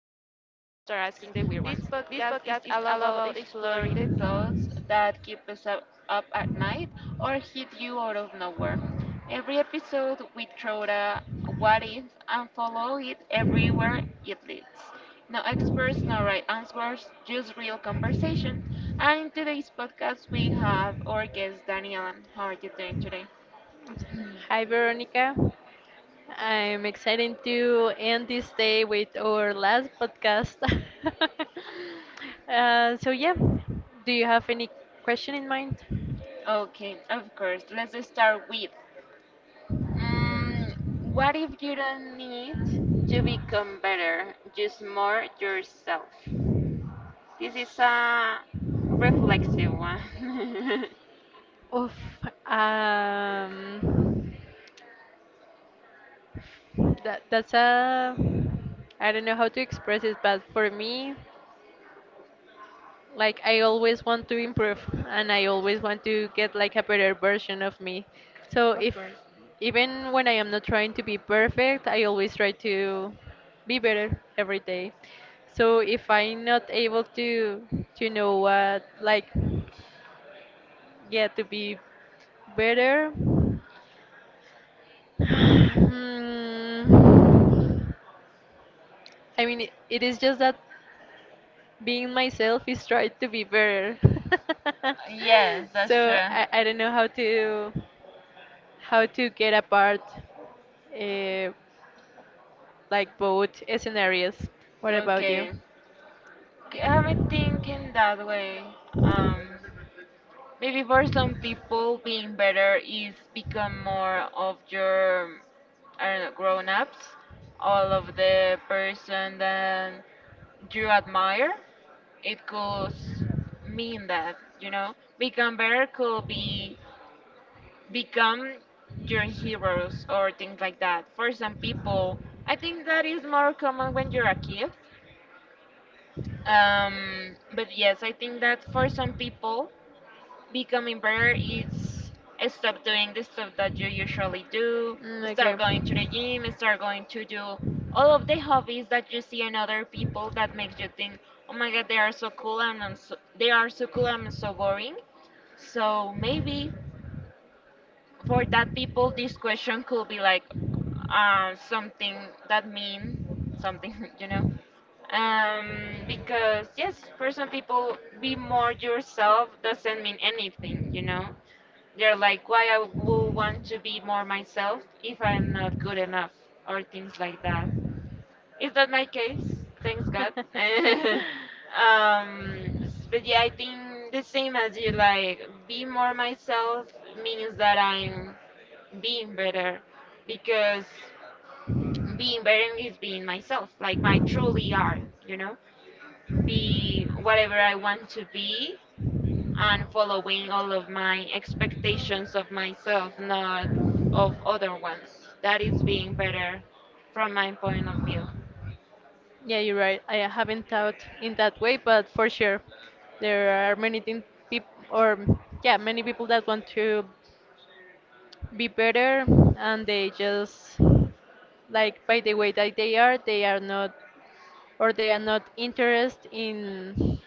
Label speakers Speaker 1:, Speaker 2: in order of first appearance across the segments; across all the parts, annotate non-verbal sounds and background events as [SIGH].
Speaker 1: asking the weird ones? This podcast is all about exploring the thoughts that keep us up at night or hit you out of nowhere. Every episode, we throw a what if and follow it everywhere it leads. No experts, no right answers, just real conversation. And in today's podcast, we have our guest Daniela. How are you doing today?
Speaker 2: Hi, Veronica. I'm excited to end this day with our last podcast. [LAUGHS] uh, so, yeah, do you have any question in mind?
Speaker 1: Okay, of course. Let's start with Mm, what if you don't need to become better, just more yourself? This is a reflexive one.
Speaker 2: Oof, um, that's a. I don't know how to express it, but for me, like I always want to improve and I always want to get like a better version of me. So
Speaker 1: [LAUGHS] Of
Speaker 2: if
Speaker 1: course.
Speaker 2: even when I am not trying to be perfect, I always try to be better every day. So if I'm not able to know what like yeah to be better. [SIGHS] Hmm. I mean, it is just that being myself is trying to be better. [LAUGHS]
Speaker 1: Yes, that's
Speaker 2: So
Speaker 1: true.
Speaker 2: I don't know how to get apart, uh, like both scenarios. What about you?
Speaker 1: Okay. Okay, I haven't think in that way. Um, Maybe for some people, being better is become more of your, I don't know, grown-ups, all of the person that you admire. It could mean, that, become better could be become your heroes or things like that. For some people, I think that is more common when you're a kid. But yes, I think that for some people, becoming better is stop doing the stuff that you usually do, start going to
Speaker 2: Mm,
Speaker 1: the gym, start going to do all of the hobbies that you see in other people that makes you think, oh my
Speaker 2: okay.
Speaker 1: god, they are so cool and they are so cool and I'm so boring. So maybe for that people, this question could be like something that mean something. [LAUGHS] Because yes, for some people, be more yourself doesn't mean anything. They're like, why I will want to be more myself if I'm not good enough, or things like that. It's not my case,
Speaker 2: [LAUGHS]
Speaker 1: thanks God. [LAUGHS] But yeah, I think the same as you, like, be more myself means that I'm being better because being better is being myself, like my truly are, you know, be whatever I want to be and following all of my expectations of myself, not of other ones. That is being better from my point of view,
Speaker 2: Yeah, you're right. I haven't thought in that way, but for sure, there are many things people or yeah, many people that want to be better, and they just like by the way that they are not, or they are not interested in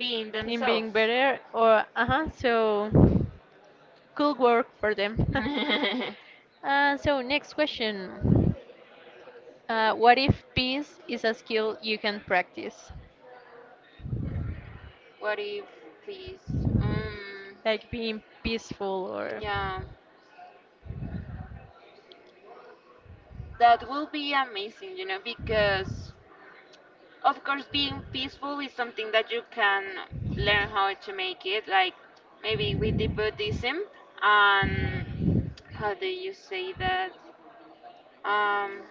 Speaker 1: being
Speaker 2: being
Speaker 1: themselves.
Speaker 2: better, or uh-huh, so could work for them.
Speaker 1: [LAUGHS]
Speaker 2: [LAUGHS] So next question: what if peace is a skill you can practice,
Speaker 1: What if, please? Um,
Speaker 2: like being peaceful, or
Speaker 1: yeah, that will be amazing, because of course being peaceful is something that you can learn how to make it, like maybe with the Buddhism and how do you say that? Um,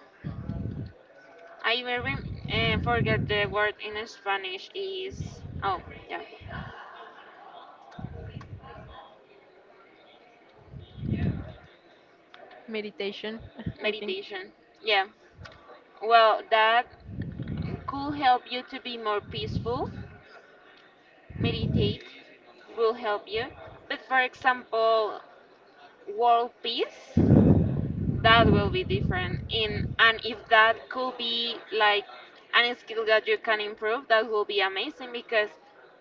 Speaker 1: I even forget the word in Spanish is, oh yeah,
Speaker 2: meditation? [LAUGHS] I think.
Speaker 1: meditation. Yeah, well that could help you to be more peaceful. Meditate will help you, but for example, world peace. That will be different in and if that could be like any skill that you can improve, that will be amazing because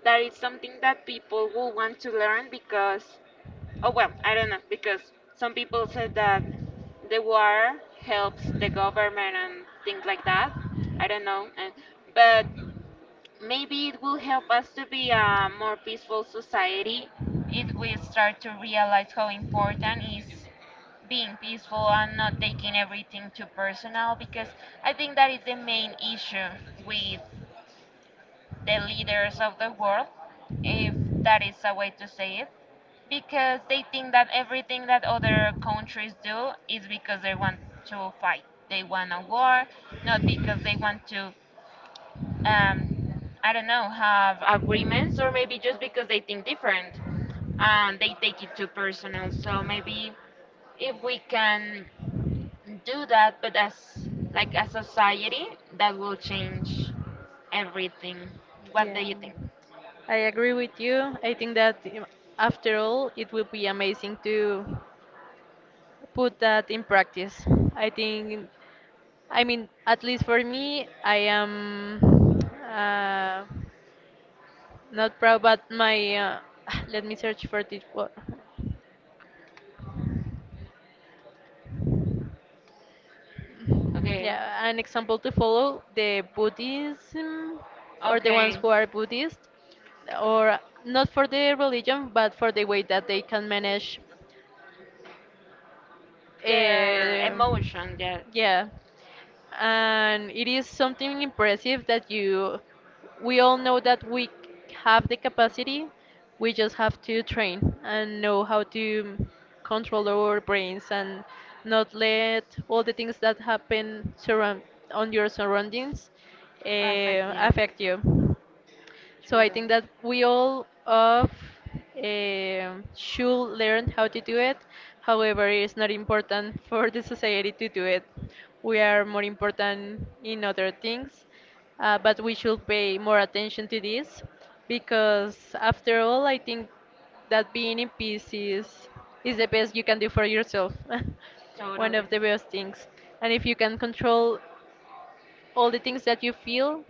Speaker 1: that is something that people will want to learn because, oh well, I don't know, because some people said that the war helps the government and things like that. I don't know, and but maybe it will help us to be a more peaceful society if we start to realize how important is being peaceful and not taking everything too personal, because I think that is the main issue with the leaders of the world, if that is a way to say it, because they think that everything that other countries do is because they want to fight. They want a war, not because they want to, um, I don't know, have agreements, or maybe just because they think different and they take it too personal. So maybe if we can do that, but as like a society, that will change everything. What do
Speaker 2: Yeah,
Speaker 1: you think?
Speaker 2: I agree with you. I think that, after all, it will be amazing to put that in practice. I think, I mean, at least for me, I am, uh, not proud, but my, [SIGHS] let me search for this. Wo-
Speaker 1: Okay,
Speaker 2: Yeah, an example to follow, the Buddhism, or the ones
Speaker 1: okay,
Speaker 2: who are Buddhist, or not for the religion, but for the way that they can manage.
Speaker 1: their
Speaker 2: Uh,
Speaker 1: emotion, yeah, yeah.
Speaker 2: yeah, and it is something impressive that you. we all know that we have the capacity. We just have to train and know how to control our brains and not let all the things that happen surround on your surroundings,
Speaker 1: Affect,
Speaker 2: uh,
Speaker 1: yeah.
Speaker 2: affect you. So I
Speaker 1: Jordan.
Speaker 2: think that we all of should learn how to do it. However, it's not important [LAUGHS] for the society to do it. We are more important in other things, but we should pay more attention to this because, after all, I think that being in peace is the best you can do for yourself. [LAUGHS] One
Speaker 1: Totally.
Speaker 2: of the best things, and if you can control all the things that you feel,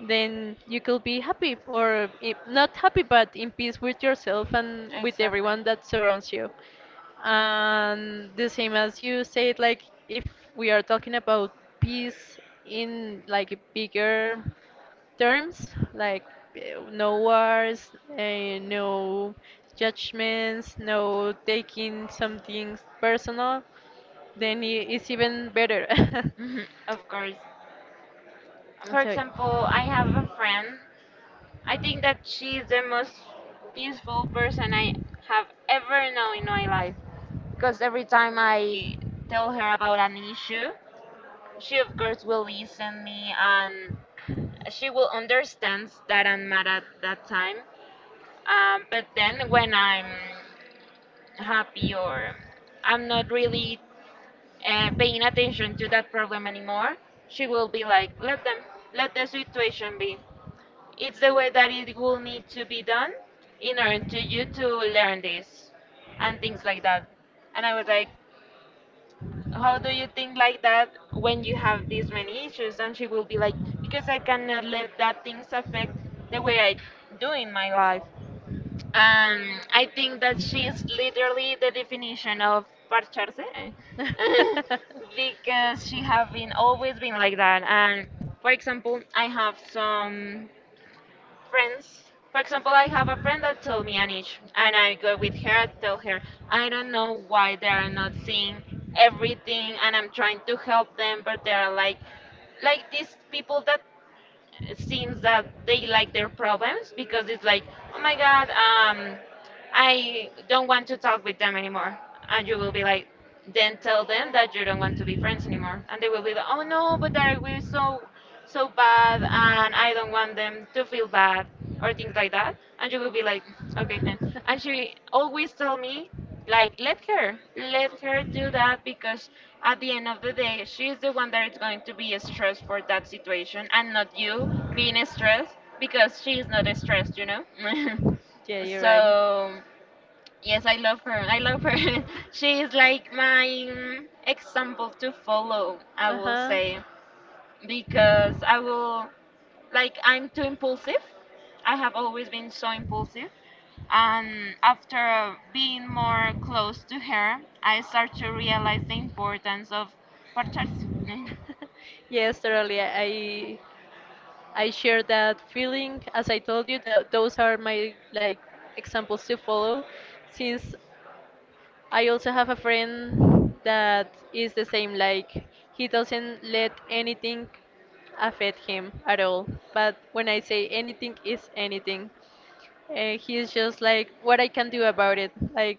Speaker 2: then you could be happy, or I- not happy but in peace with yourself and with
Speaker 1: Exactly.
Speaker 2: everyone that surrounds you, and the same as you said, like if we are talking about peace in like bigger terms, like no wars, no judgments, no taking something personal, then I- it's even better. [LAUGHS]
Speaker 1: Mhm, of course. For
Speaker 2: So
Speaker 1: example, I
Speaker 2: yeah.
Speaker 1: have a friend. I think that she is the most peaceful person I have ever known in my life. Because every time I tell her about an issue, she of course will listen me and she will understand that I'm mad at that time. But then when I'm happy or I'm not really paying attention to that problem anymore, she will be like, let them, let the situation be. It's the way that it will need to be done in order to you to learn this and things like that. And I was like, how do you think like that when you have these many issues? And she will be like, because I cannot let that things affect the way I do in my life. Um, I think that she is literally the definition of parcharse
Speaker 2: [LAUGHS]
Speaker 1: eh,
Speaker 2: [LAUGHS]
Speaker 1: [LAUGHS] because she have been always been like that. And for example, I have some friends. For example, I have a friend that told me an issue, and I go with her. I tell her I don't know why they are not seeing everything, and I'm trying to help them, but they are like these people that seems that they like their problems because it's like, oh my god. I don't want to talk with them anymore. And you will be like, then tell them that you don't want to be friends anymore. And they will be like, oh no, but that will so so bad and I don't want them to feel bad or things like that. And you will be like, okay. And she always tell me, like, let her do that because at the end of the day, she's the one that is going to be stressed for that situation and not you being stressed because she is not stressed, you know?
Speaker 2: Yeah,
Speaker 1: [LAUGHS]
Speaker 2: you're right.
Speaker 1: So yes, I love her. I love her. [LAUGHS] She is like my example to follow, I
Speaker 2: Uh
Speaker 1: will
Speaker 2: huh.
Speaker 1: say, because I will, like, I'm too impulsive. I have always been so impulsive. And after being more close to her, I start to realize the importance of partners. [LAUGHS] Mm.
Speaker 2: [LAUGHS] Yes, totally. I share that feeling. As I told you, that those are my like examples to follow. Since I also have a friend that is the same. Like he doesn't let anything affect him at all. But when I say anything is anything, he's just like, what I can do about it? Like,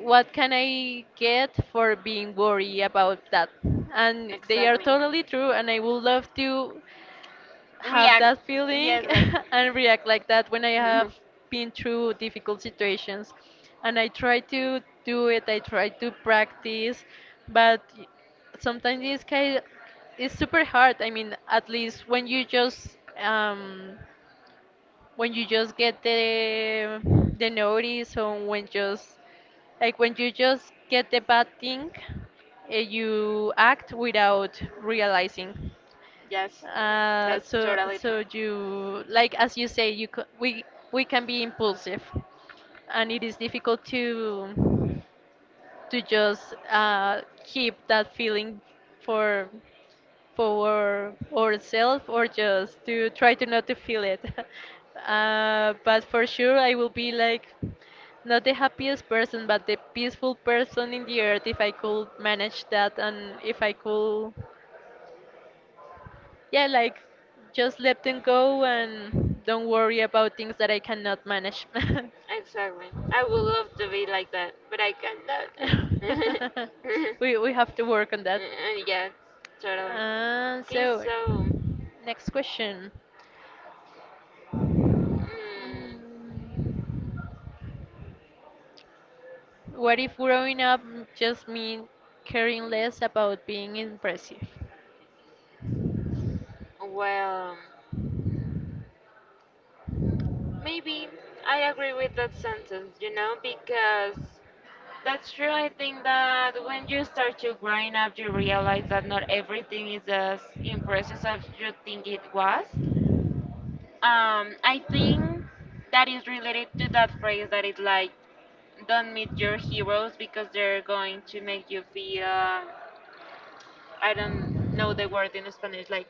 Speaker 2: what can I get for being worried about that? And they are
Speaker 1: Exactly.
Speaker 2: totally true. And I would love to have
Speaker 1: React.
Speaker 2: that feeling
Speaker 1: Yes, like,
Speaker 2: [LAUGHS] and react like that when I have
Speaker 1: [LAUGHS]
Speaker 2: been through difficult situations. And I try to do it, I try to practice, but y- sometimes it's super hard. I mean, at least when you just get the notice, or when just like when you just get the bad thing, you act without realizing.
Speaker 1: yes, that's
Speaker 2: So
Speaker 1: totally true.
Speaker 2: you like as you say, you c- we can be impulsive, and it is difficult to just keep that feeling for ourselves, or just to try to not to feel it. [LAUGHS] But for sure, I will be like not the happiest person, but the peaceful person in the earth if I could manage that, and if I could yeah, like just let them go and don't worry about things that I cannot manage.
Speaker 1: Exactly. I would love to be like that, but I cannot.
Speaker 2: [LAUGHS]
Speaker 1: [LAUGHS]
Speaker 2: We have to work on that.
Speaker 1: And yeah, totally. Okay,
Speaker 2: So,
Speaker 1: so,
Speaker 2: next question.
Speaker 1: mm,
Speaker 2: Mm, what if growing up just mean caring less about being impressive?
Speaker 1: well, maybe I agree with that sentence, you know, because that's true. I think that when you start to growing up, you realize that not everything is as impressive as you think it was. I think that is related to that phrase that is like, don't meet your heroes because they're going to make you feel I don't know the word in Spanish, like,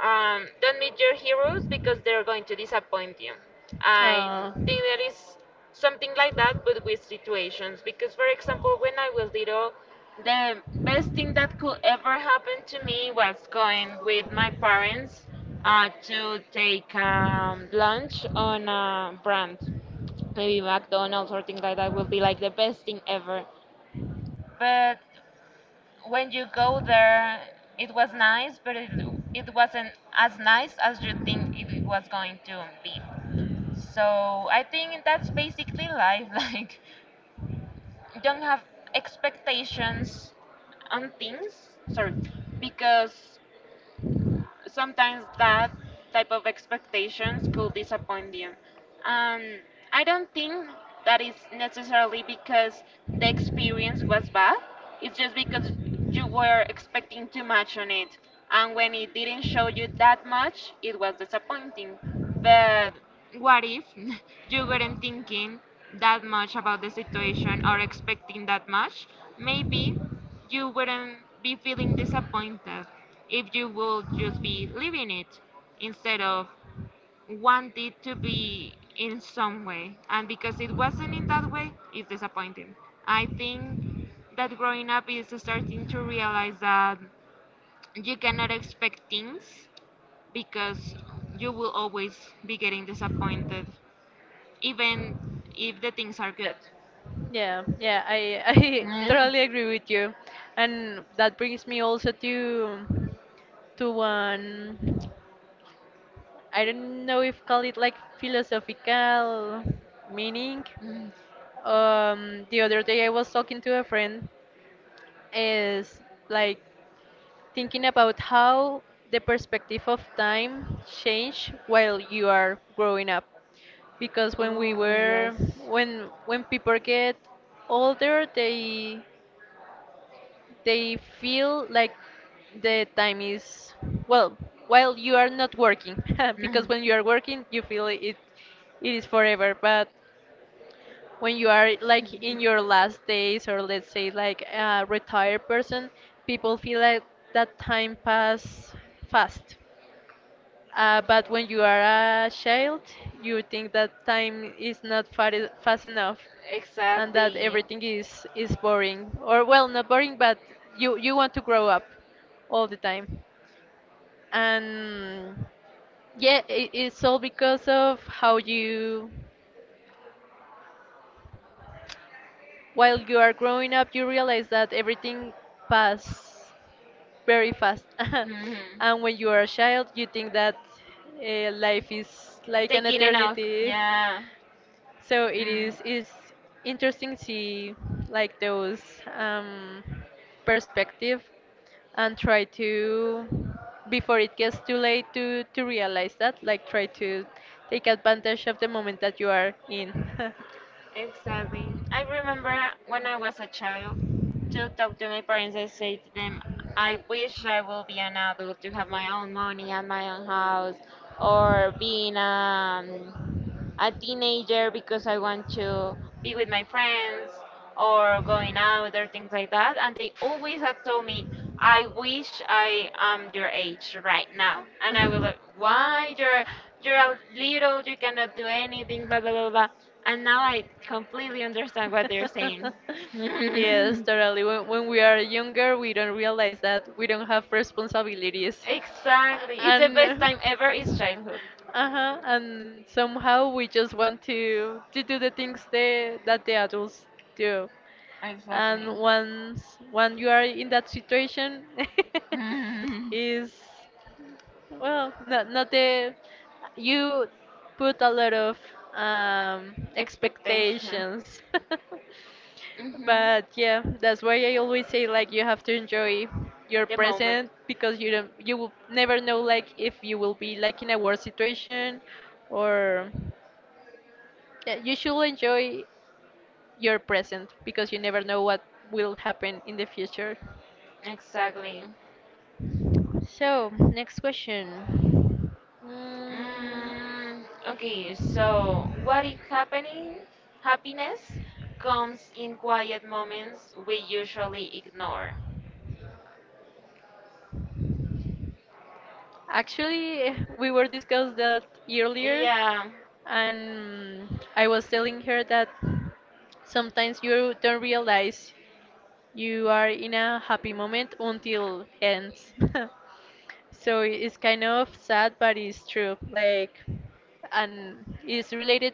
Speaker 1: don't meet your heroes because they're going to disappoint you. I
Speaker 2: Uh,
Speaker 1: think there is something like that but with situations because, for example, when I was little, the best thing that could ever happen to me was going with my parents to take lunch on a brand, maybe McDonald's, or things like that will be like the best thing ever. But when you go there, it was nice, but it wasn't as nice as you think it was going to be. So I think that's basically life. [LAUGHS] Like, don't have expectations on things. Sorry, because sometimes that type of expectations could disappoint you. And I don't think that is necessarily because the experience was bad. It's just because you were expecting too much on it. And when it didn't show you that much, it was disappointing. But what if [LAUGHS] you weren't thinking that much about the situation or expecting that much? Maybe you wouldn't be feeling disappointed if you will just be living it instead of want it to be in some way. And because it wasn't in that way, it's disappointing. I think that growing up is starting to realize that you cannot expect things because you will always be getting disappointed, even if the things are good.
Speaker 2: But yeah, I [LAUGHS] I
Speaker 1: Mm.
Speaker 2: totally agree with you, and that brings me also to one, I don't know if call it like philosophical meaning,
Speaker 1: Mm.
Speaker 2: the other day I was talking to a friend, is like thinking about how the perspective of time change while you are growing up, because when
Speaker 1: [LAUGHS]
Speaker 2: we were when
Speaker 1: [LAUGHS]
Speaker 2: people get older, they feel like the time is well while you are not working [LAUGHS] because
Speaker 1: [LAUGHS]
Speaker 2: when you are working you feel it it is forever, but when you are like in your
Speaker 1: [LAUGHS]
Speaker 2: last days, or let's say like a retired person, people feel like that time pass fast. But when you are a child, you think that time is not fa- fast enough, and that
Speaker 1: Exactly.
Speaker 2: everything is boring, or well not boring but you want to grow up all the time, and yeah it's all because of how you. While you are growing up, you realize that everything passes very fast. [LAUGHS]
Speaker 1: Hmm.
Speaker 2: And when you are a child, you think that life is like an
Speaker 1: Taking it off.
Speaker 2: eternity.
Speaker 1: Yeah.
Speaker 2: So it is interesting to see like those um, perspective, and try to before it gets too late to realize that, like try to take advantage of the moment that you are in.
Speaker 1: Mm.
Speaker 2: [LAUGHS]
Speaker 1: Exactly. I remember when I was a child to talk to my parents and say to them, I wish I will be an adult to have my own money and my own house, or being a teenager because I want to be with my friends or going out or things like that. And they always have told me, I wish I am your age right now. And I will like, why you're a little, you cannot do anything, blah blah blah blah. And now I completely understand what they're saying.
Speaker 2: [LAUGHS]
Speaker 1: [LAUGHS]
Speaker 2: Yes, totally. When we are younger, we don't realize that we don't have responsibilities.
Speaker 1: Exactly, it's the
Speaker 2: And
Speaker 1: best time ever. It's childhood.
Speaker 2: uh-huh, and somehow we just want to do the things that the adults do.
Speaker 1: Exactly.
Speaker 2: And once when you are in that situation, [LAUGHS]
Speaker 1: [LAUGHS]
Speaker 2: is well, not the, you put a lot of
Speaker 1: Expectation.
Speaker 2: expectations. [LAUGHS]
Speaker 1: Hmm.
Speaker 2: But yeah, that's why I always say like you have to enjoy your
Speaker 1: The moment.
Speaker 2: present, because you don't, you will never know like if you will be like in a worse situation, or yeah, you should enjoy your present because you never know what will happen in the future.
Speaker 1: Exactly.
Speaker 2: So, next question. Mm,
Speaker 1: Mm, okay, so what if happening? Happiness comes in quiet moments we usually ignore.
Speaker 2: actually, we were discussed that earlier,
Speaker 1: Yeah.
Speaker 2: and I was telling her that sometimes you don't realize you are in a happy moment until ends. [LAUGHS] So it's kind of sad, but it's true. Like, and it's related,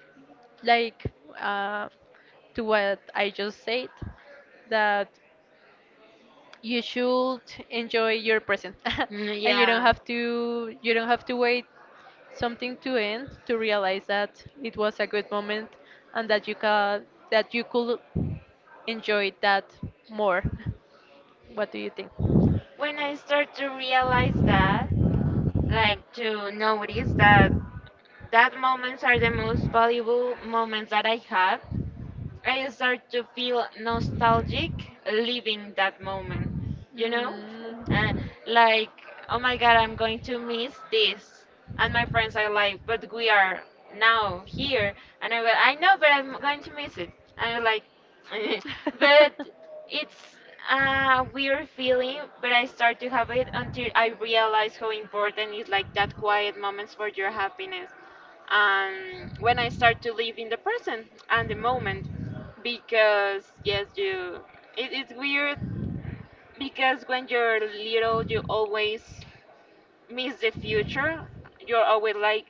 Speaker 2: like, uh, to what I just said, that you should enjoy your present,
Speaker 1: Mm,
Speaker 2: [LAUGHS] and
Speaker 1: yeah.
Speaker 2: you don't have to wait something to end to realize that it was a good moment, and that you can that you could enjoy that more. [LAUGHS] What do you think?
Speaker 1: When I start to realize that, like to notice that that moments are the most valuable moments that I have, I start to feel nostalgic living that moment, you know?
Speaker 2: Mm.
Speaker 1: Uh, like, oh my god, I'm going to miss this. And my friends are like, but we are now here. And I will, I know, but I'm going to miss it. And I'm like, [LAUGHS] but it's a weird feeling, but I start to have it until I realize how important is like that quiet moments for your happiness and when I start to live in the present and the moment.
Speaker 2: [LAUGHS]
Speaker 1: Because yes, you it's weird because when you're little you always miss the future. You're always like,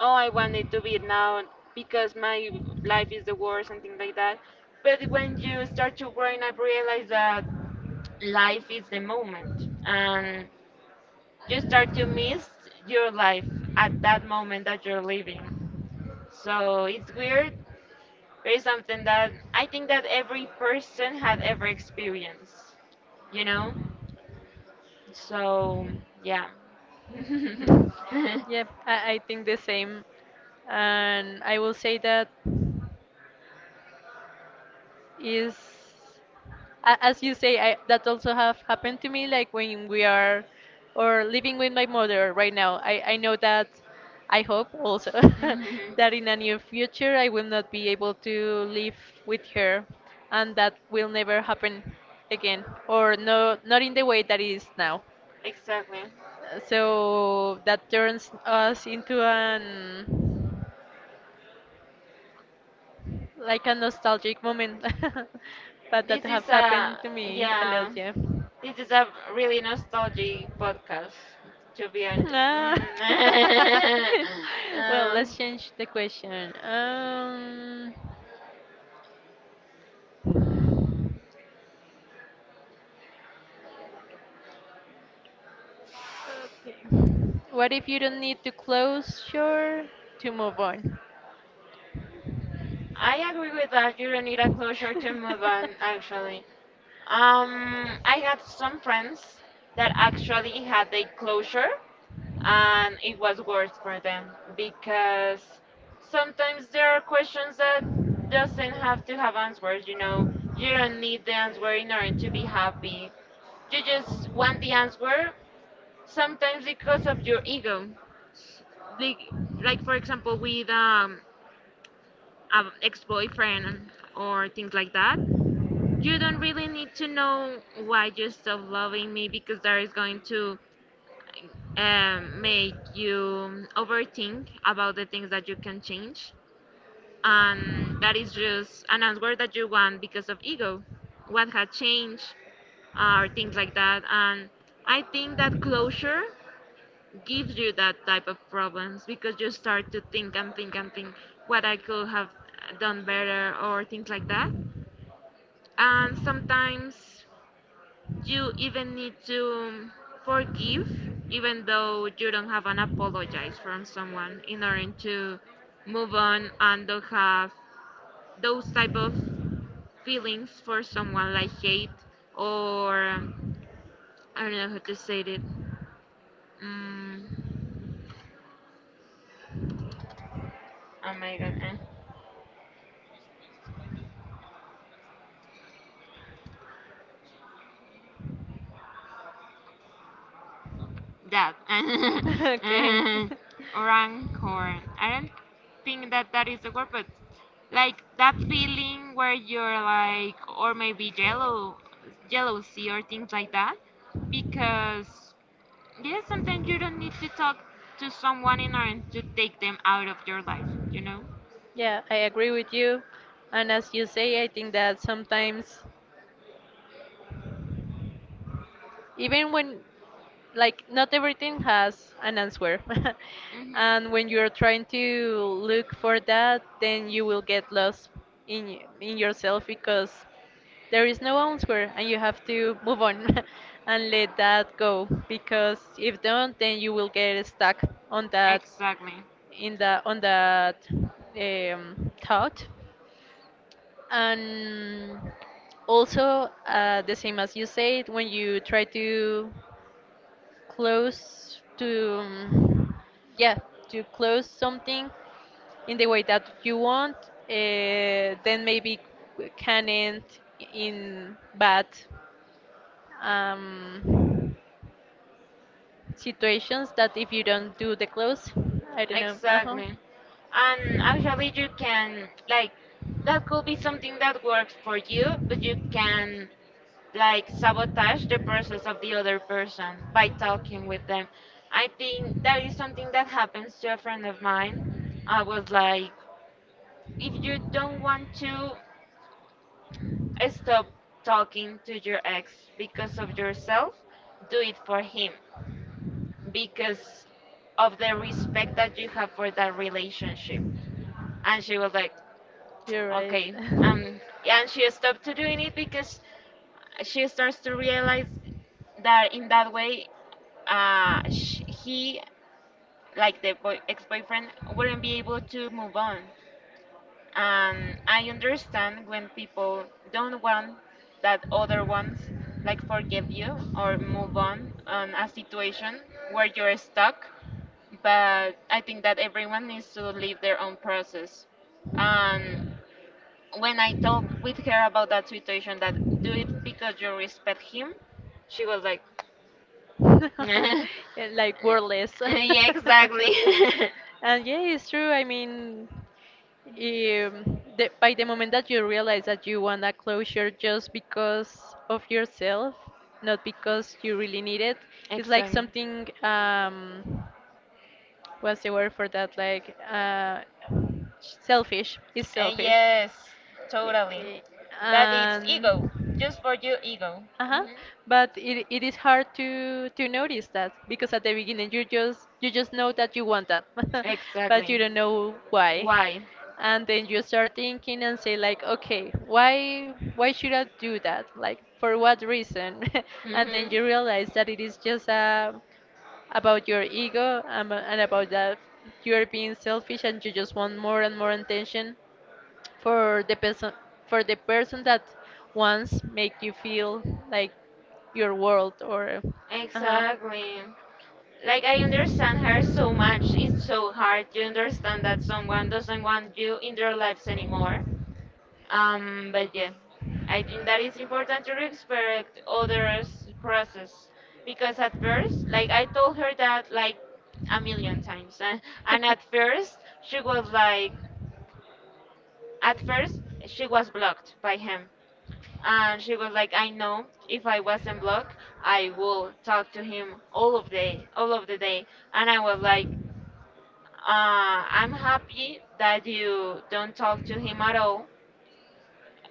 Speaker 1: oh, I
Speaker 2: But
Speaker 1: want it
Speaker 2: when
Speaker 1: to be now because my
Speaker 2: find
Speaker 1: life is the worst and things like that. But
Speaker 2: a place that
Speaker 1: when you
Speaker 2: you like,
Speaker 1: start to growing up
Speaker 2: and
Speaker 1: realize that life is the moment and you
Speaker 2: just start
Speaker 1: start
Speaker 2: to
Speaker 1: to
Speaker 2: live.
Speaker 1: miss your life at that moment that you're living.
Speaker 2: [LAUGHS]
Speaker 1: So it's weird. It's something that I think that every person have ever experienced, you know? So, yeah.
Speaker 2: Mhm.
Speaker 1: [LAUGHS]
Speaker 2: Yep, I think the same. And I will say that is, a- as you say I, that also have happened to me, like when we are or living with my mother right now, I know that I hope also
Speaker 1: Mhm.
Speaker 2: [LAUGHS] that in a near future I will not be able to live with her, and that will never happen again, or no, not in the way that it is now.
Speaker 1: Exactly.
Speaker 2: So that turns us into an like a nostalgic moment, [LAUGHS] but
Speaker 1: This
Speaker 2: that have
Speaker 1: is a
Speaker 2: happened to me a lot,
Speaker 1: yeah.
Speaker 2: yeah.
Speaker 1: This is a really nostalgic podcast, to be honest.
Speaker 2: Ah.
Speaker 1: Mm.
Speaker 2: [LAUGHS]
Speaker 1: [LAUGHS]
Speaker 2: Well,
Speaker 1: Uh,
Speaker 2: let's change the question. What if you don't need to close your to move on? [LAUGHS]
Speaker 1: I agree with that. You don't need a closure to move on, actually. I had some friends that actually had a closure, and it was worse for them because sometimes there are questions that doesn't have to have answers. You know, you don't need the answer in order to be happy, you just want the answer sometimes because of your ego, like, like for example with an ex-boyfriend or things like that, you don't really need to know why you stop loving me because that is going to, make you overthink about the things that you can change, and that is just an answer that you want because of ego, what had changed, or things like that. And I think that closure gives you that type of problems because you start to think and think and think what I could have done better or things like that. And sometimes you even need to forgive, even though you don't have an apologize from someone in order to move on and don't have those type of feelings for someone like hate or I don't know how to say it. Mm, oh my god. Eh. That. [LAUGHS]
Speaker 2: Okay. [LAUGHS]
Speaker 1: uh, rancor. I don't think that that is the word, but like that feeling where you're like, or maybe jello, jealousy or things like that. Because, yes, sometimes you don't need to talk to someone in order to take them out of your life, you know?
Speaker 2: Yeah, I agree with you. And as you say, I think that sometimes, even when like not everything has an answer, [LAUGHS]
Speaker 1: Mhm.
Speaker 2: and when you're trying to look for that then you will get lost in yourself, because there is no answer and you have to move on, [LAUGHS] and let that go because if don't then you will get stuck on that,
Speaker 1: Exactly.
Speaker 2: in the on that, thought. And also, the same as you said, when you try to close to, yeah, to close something in the way that you want, then maybe can end in bad, um, situations that if you don't do the close, I don't know, uh-huh.
Speaker 1: Exactly. And actually, you can, like, that could be something that works for you, but you can, like, sabotage the process of the other person by talking with them. I think that is something that happens to a friend of mine. I was like, if you don't want to stop talking to your ex because of yourself, do it for him because of the respect that you have for that relationship. And she was like,
Speaker 2: You're right.
Speaker 1: okay. um and she stopped to doing it because she starts to realize that in that way, sh he, like the boy ex-boyfriend, wouldn't be able to move on. And I understand when people don't want that other ones like forgive you or move on a situation where you're stuck, but I think that everyone needs to live their own process. And when I talked with her about that situation, that do it because you respect him, she was like, [LAUGHS]
Speaker 2: [LAUGHS]
Speaker 1: "Eh,
Speaker 2: Yeah, like wordless.
Speaker 1: yeah, exactly,
Speaker 2: [LAUGHS] [LAUGHS] And yeah, it's true. I mean, the, by the moment that you realize that you want a closure just because of yourself, not because you really need it,
Speaker 1: [LAUGHS]
Speaker 2: it's like
Speaker 1: exactly.
Speaker 2: something, what's the word for that? Like, selfish. It's selfish.
Speaker 1: Yes,
Speaker 2: Eh,
Speaker 1: totally.
Speaker 2: eh,
Speaker 1: That is
Speaker 2: And
Speaker 1: ego, just for your ego.
Speaker 2: uh-huh.
Speaker 1: Hmm.
Speaker 2: But it is hard to notice that, because at the beginning you just, you just know that you want that, [LAUGHS] but you
Speaker 1: Exactly.
Speaker 2: don't know why.
Speaker 1: Why?
Speaker 2: And then you start thinking and say like, okay, why should I do that? Like, for what reason? [LAUGHS] And then
Speaker 1: Hmm.
Speaker 2: you realize that it is just about your ego and about that you are being selfish and you just want more and more attention for the person for the person that once make you feel like your world or uh-huh.
Speaker 1: Exactly. Like I understand her so much. It's so hard to understand that someone doesn't want you in their lives anymore. But yeah, I think that it's important to respect others' process because at first, like I told her that like a million times, [LAUGHS] and at first she was like, at first she was blocked by him. And she was like, I know if I wasn't blocked, I will talk to him all of day, all of the day. And I was like, I'm happy that you don't talk to him at all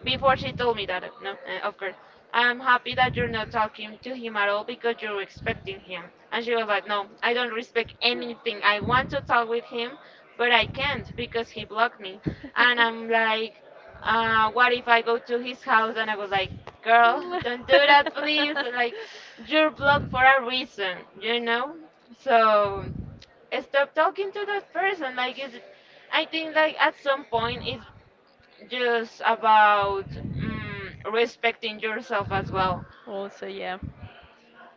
Speaker 1: before she told me that, no, of course. I'm happy that you're not talking to him at all because you're expecting him. And she was like, no, I don't respect anything. I want to talk with him, but I can't because he blocked me. And I'm like, what if I go to his house? And I was like, girl, [LAUGHS] don't do that, please. Like, you're blocked for a reason, you know? So stop talking to that person. Like, is I think like at some point it's just about respecting yourself as well.
Speaker 2: [LAUGHS] Also, yeah.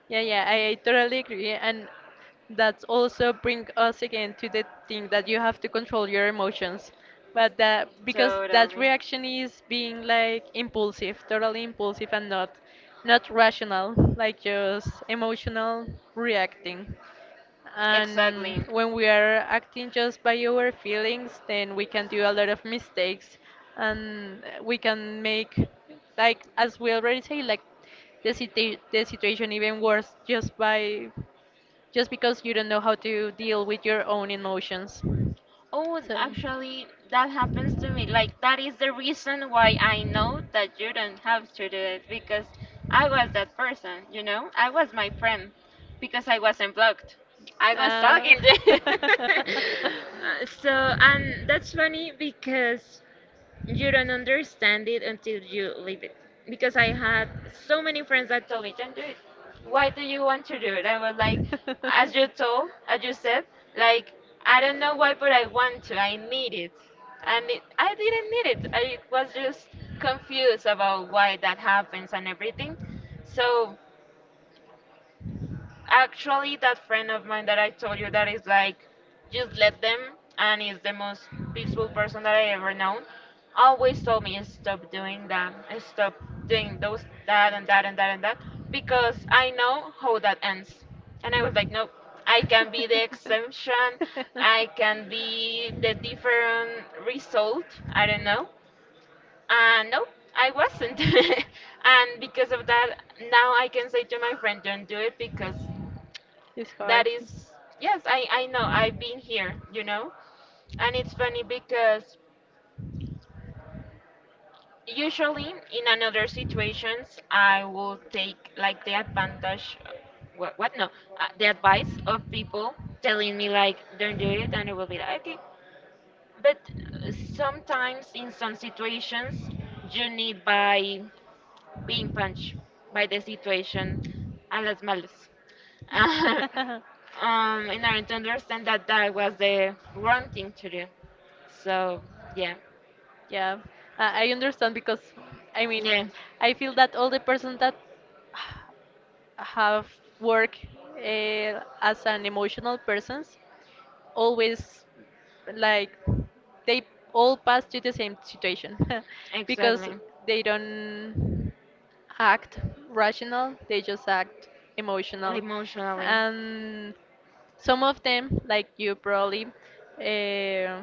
Speaker 2: Yeah, yeah, I totally agree. And that's also bring us again to the thing that you have to control your emotions. But that because that
Speaker 1: Totally.
Speaker 2: reaction is being like impulsive, totally impulsive and not rational, like just emotional reacting.
Speaker 1: Exactly.
Speaker 2: And when we are acting just by our feelings, then we can do a lot of mistakes and we can make, like, as we already say, like the situation even worse just by just because you don't know how to deal with your own emotions.
Speaker 1: Oh,
Speaker 2: So
Speaker 1: actually, that happens to me. Like, that is the reason why I know that you don't have to do it because I was that person, you know? I was my friend because I wasn't blocked. I was
Speaker 2: uh,
Speaker 1: talking to [LAUGHS] so, and that's funny because you don't understand it until you leave it. Because I had so many friends that told me, don't do it. Why do you want to do it? I was like, as you told, as you said, like, I
Speaker 2: [LAUGHS]
Speaker 1: don't know why, but I want to. I need it. I didn't need it. I was just confused about why that happens and everything. So actually, that friend of mine that I told you that is like, just let them, and is the most peaceful person that I ever known, always told me stop doing that, stop doing those that and that and that and that, because I know how that ends. And I was like, no, I can be the exemption, I can be the different result, I don't know. And no, I wasn't. [LAUGHS] and because of that, now I can say to my friend, don't do it because
Speaker 2: it's hard.
Speaker 1: that is, yes, I know I've been here, you know? And it's funny because usually in another situations I will take like the advantage, what no, the advice of people telling me like don't do it and I will be like okay, but sometimes in some situations you need by being punched by the situation a las malas. [LAUGHS] In order to understand that that was the wrong thing to do.
Speaker 2: [LAUGHS]
Speaker 1: So, yeah.
Speaker 2: Yeah, I understand because I mean,
Speaker 1: Yeah,
Speaker 2: I feel that all the persons that have work as an emotional persons always, like, they all pass to the same situation. [LAUGHS] Because
Speaker 1: exactly.
Speaker 2: they don't act rational, they just act emotional.
Speaker 1: Emotionally.
Speaker 2: And some of them, like, you probably uh,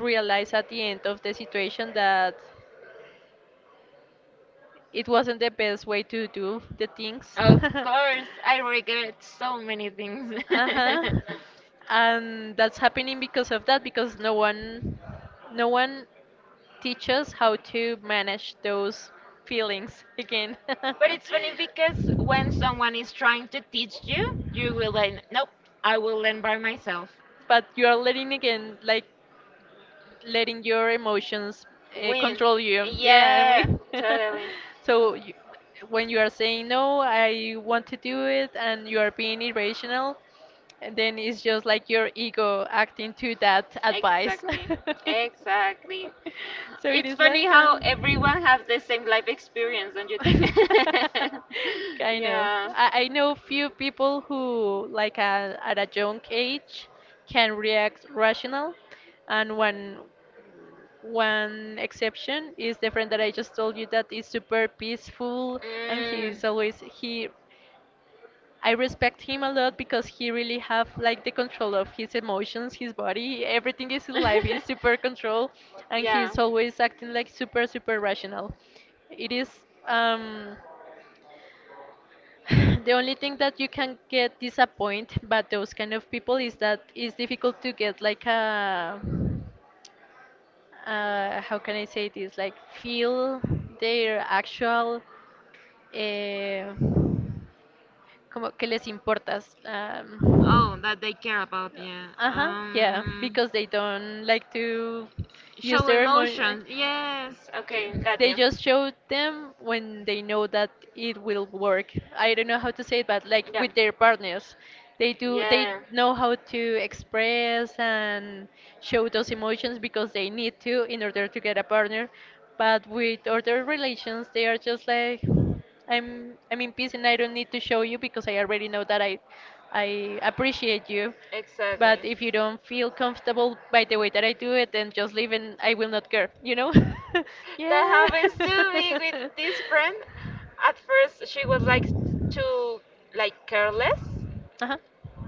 Speaker 2: realize at the end of the situation that it wasn't the best way to do the things. [LAUGHS]
Speaker 1: Of course, I regret so many things.
Speaker 2: Uh-huh. And that's
Speaker 1: [LAUGHS]
Speaker 2: happening because of that because no one teaches how to manage those feelings again. [LAUGHS]
Speaker 1: But it's funny because when someone is trying to teach you, you will like, nope, I will learn by myself.
Speaker 2: But you are letting again, like, letting your emotions
Speaker 1: Win.
Speaker 2: control you. Yeah, and we
Speaker 1: Yeah, totally.
Speaker 2: [LAUGHS] so you, when you are saying no, I want to do it, and you are being irrational, and then it's just like your ego acting to that advice.
Speaker 1: Exactly.
Speaker 2: [LAUGHS]
Speaker 1: Exactly.
Speaker 2: So it
Speaker 1: It's
Speaker 2: is
Speaker 1: funny
Speaker 2: like
Speaker 1: how everyone
Speaker 2: [LAUGHS]
Speaker 1: has the same life experience, don't you think? [LAUGHS]
Speaker 2: kind of.
Speaker 1: Yeah.
Speaker 2: I know few people who, like, at a young age, can react rational, and when one exception is the friend that I just told you that is super peaceful. And
Speaker 1: Mm.
Speaker 2: he's always he I respect him a lot because he really have like the control of his emotions, his body, everything is in life is super control.
Speaker 1: [LAUGHS]
Speaker 2: And
Speaker 1: Yeah.
Speaker 2: he's always acting like super super rational. It is um [SIGHS] the only thing that you can get disappointed by those kind of people is that it's difficult to get like a how can I say this? Like, feel their actual eh, como que les importas.
Speaker 1: Oh, that they care about, yeah.
Speaker 2: Ajá, yeah,
Speaker 1: Um,
Speaker 2: because they don't like to use
Speaker 1: show
Speaker 2: their emotion.
Speaker 1: emotions. Yes. Okay,
Speaker 2: Ju-
Speaker 1: got
Speaker 2: They
Speaker 1: you.
Speaker 2: just show them when they know that it will work. I don't know how to say it, but, like,
Speaker 1: Yeah.
Speaker 2: with their partners, they do. They
Speaker 1: Yeah.
Speaker 2: know how to express and show those emotions because they need to in order to get a partner. But with other relations, they are just like, I'm in peace and I don't need to show you because I already know that I appreciate you.
Speaker 1: Exactly.
Speaker 2: But if you don't feel comfortable by the way that I do it, then just leave and I will not care, you know? [LAUGHS]
Speaker 1: That
Speaker 2: Yeah.
Speaker 1: happens to me
Speaker 2: [LAUGHS]
Speaker 1: with this friend. At first, she was like too like careless,
Speaker 2: Uh-huh.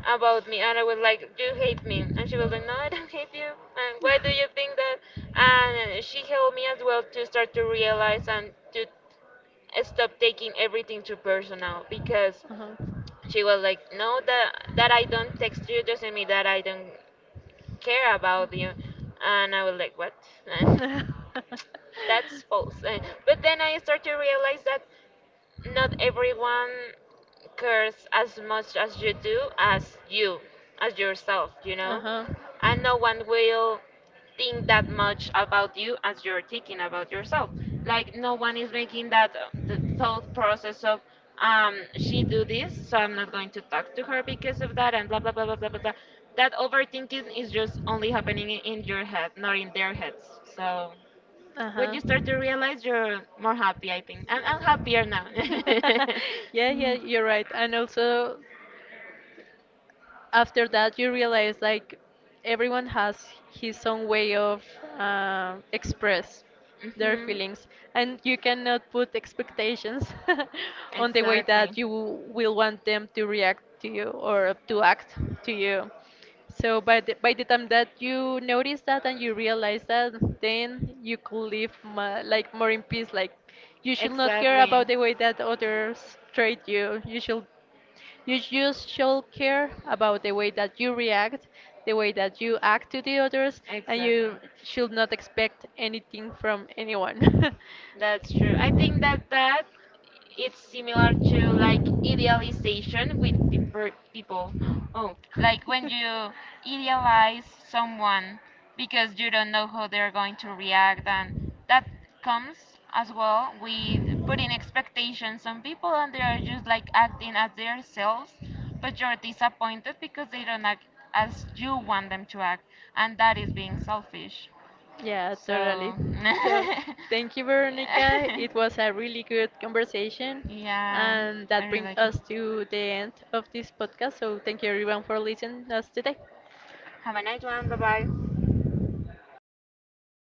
Speaker 1: about me and I was like, "You hate me," and she was like, "No, I don't hate you. And why do you think that?" And she helped me as well to start to realize and to stop taking everything too personal because she was like, "No, that I don't text you doesn't mean that I don't care about
Speaker 2: Uh-huh.
Speaker 1: you," and I was like, "What?" [LAUGHS] That's false. Eh, but then I start to realize that not everyone cares as much as you do as you as yourself, you
Speaker 2: Uh
Speaker 1: know?
Speaker 2: huh.
Speaker 1: And no one will think that much about you as you're thinking about yourself, like no one is making that the thought process of she do this so I'm not going to talk to her because of that and blah blah blah blah blah blah, blah. That overthinking is just only happening in your head, not in their heads. So
Speaker 2: Uh
Speaker 1: when
Speaker 2: huh.
Speaker 1: you start to realize you're more happy, I think. I'm happier now. [LAUGHS]
Speaker 2: [LAUGHS] Yeah, yeah, you're right. And also, after that you realize, like, everyone has his own way of express their
Speaker 1: Mhm. Mhm.
Speaker 2: feelings, and you cannot put expectations [LAUGHS] on the way
Speaker 1: Exactly.
Speaker 2: that you will want them to react to you or to act to you. So by the time that you notice that and you realize that, then you could live like more in peace. Like, you should not care
Speaker 1: Exactly.
Speaker 2: about the way that others treat you, you should you just should care about the way that you react, the way that you act to the others, and
Speaker 1: Exactly.
Speaker 2: you should not expect anything from anyone.
Speaker 1: That's true. I think that it's similar to like idealization with people. [GASPS] Oh, like when you idealize someone because you don't know how they're going to react, and that comes as well with putting expectations on people, and they are just like acting as themselves, but you're disappointed because they don't act as you
Speaker 2: [LAUGHS]
Speaker 1: want them to act, and that is being selfish.
Speaker 2: Yeah, totally.
Speaker 1: So,
Speaker 2: So,
Speaker 1: [LAUGHS]
Speaker 2: thank you, Veronica. It was a really good conversation,
Speaker 1: yeah,
Speaker 2: and
Speaker 1: I
Speaker 2: that
Speaker 1: really
Speaker 2: brings
Speaker 1: like it.
Speaker 2: us to the end of this podcast. So, thank you everyone for listening us today.
Speaker 1: Have a nice one. Bye bye.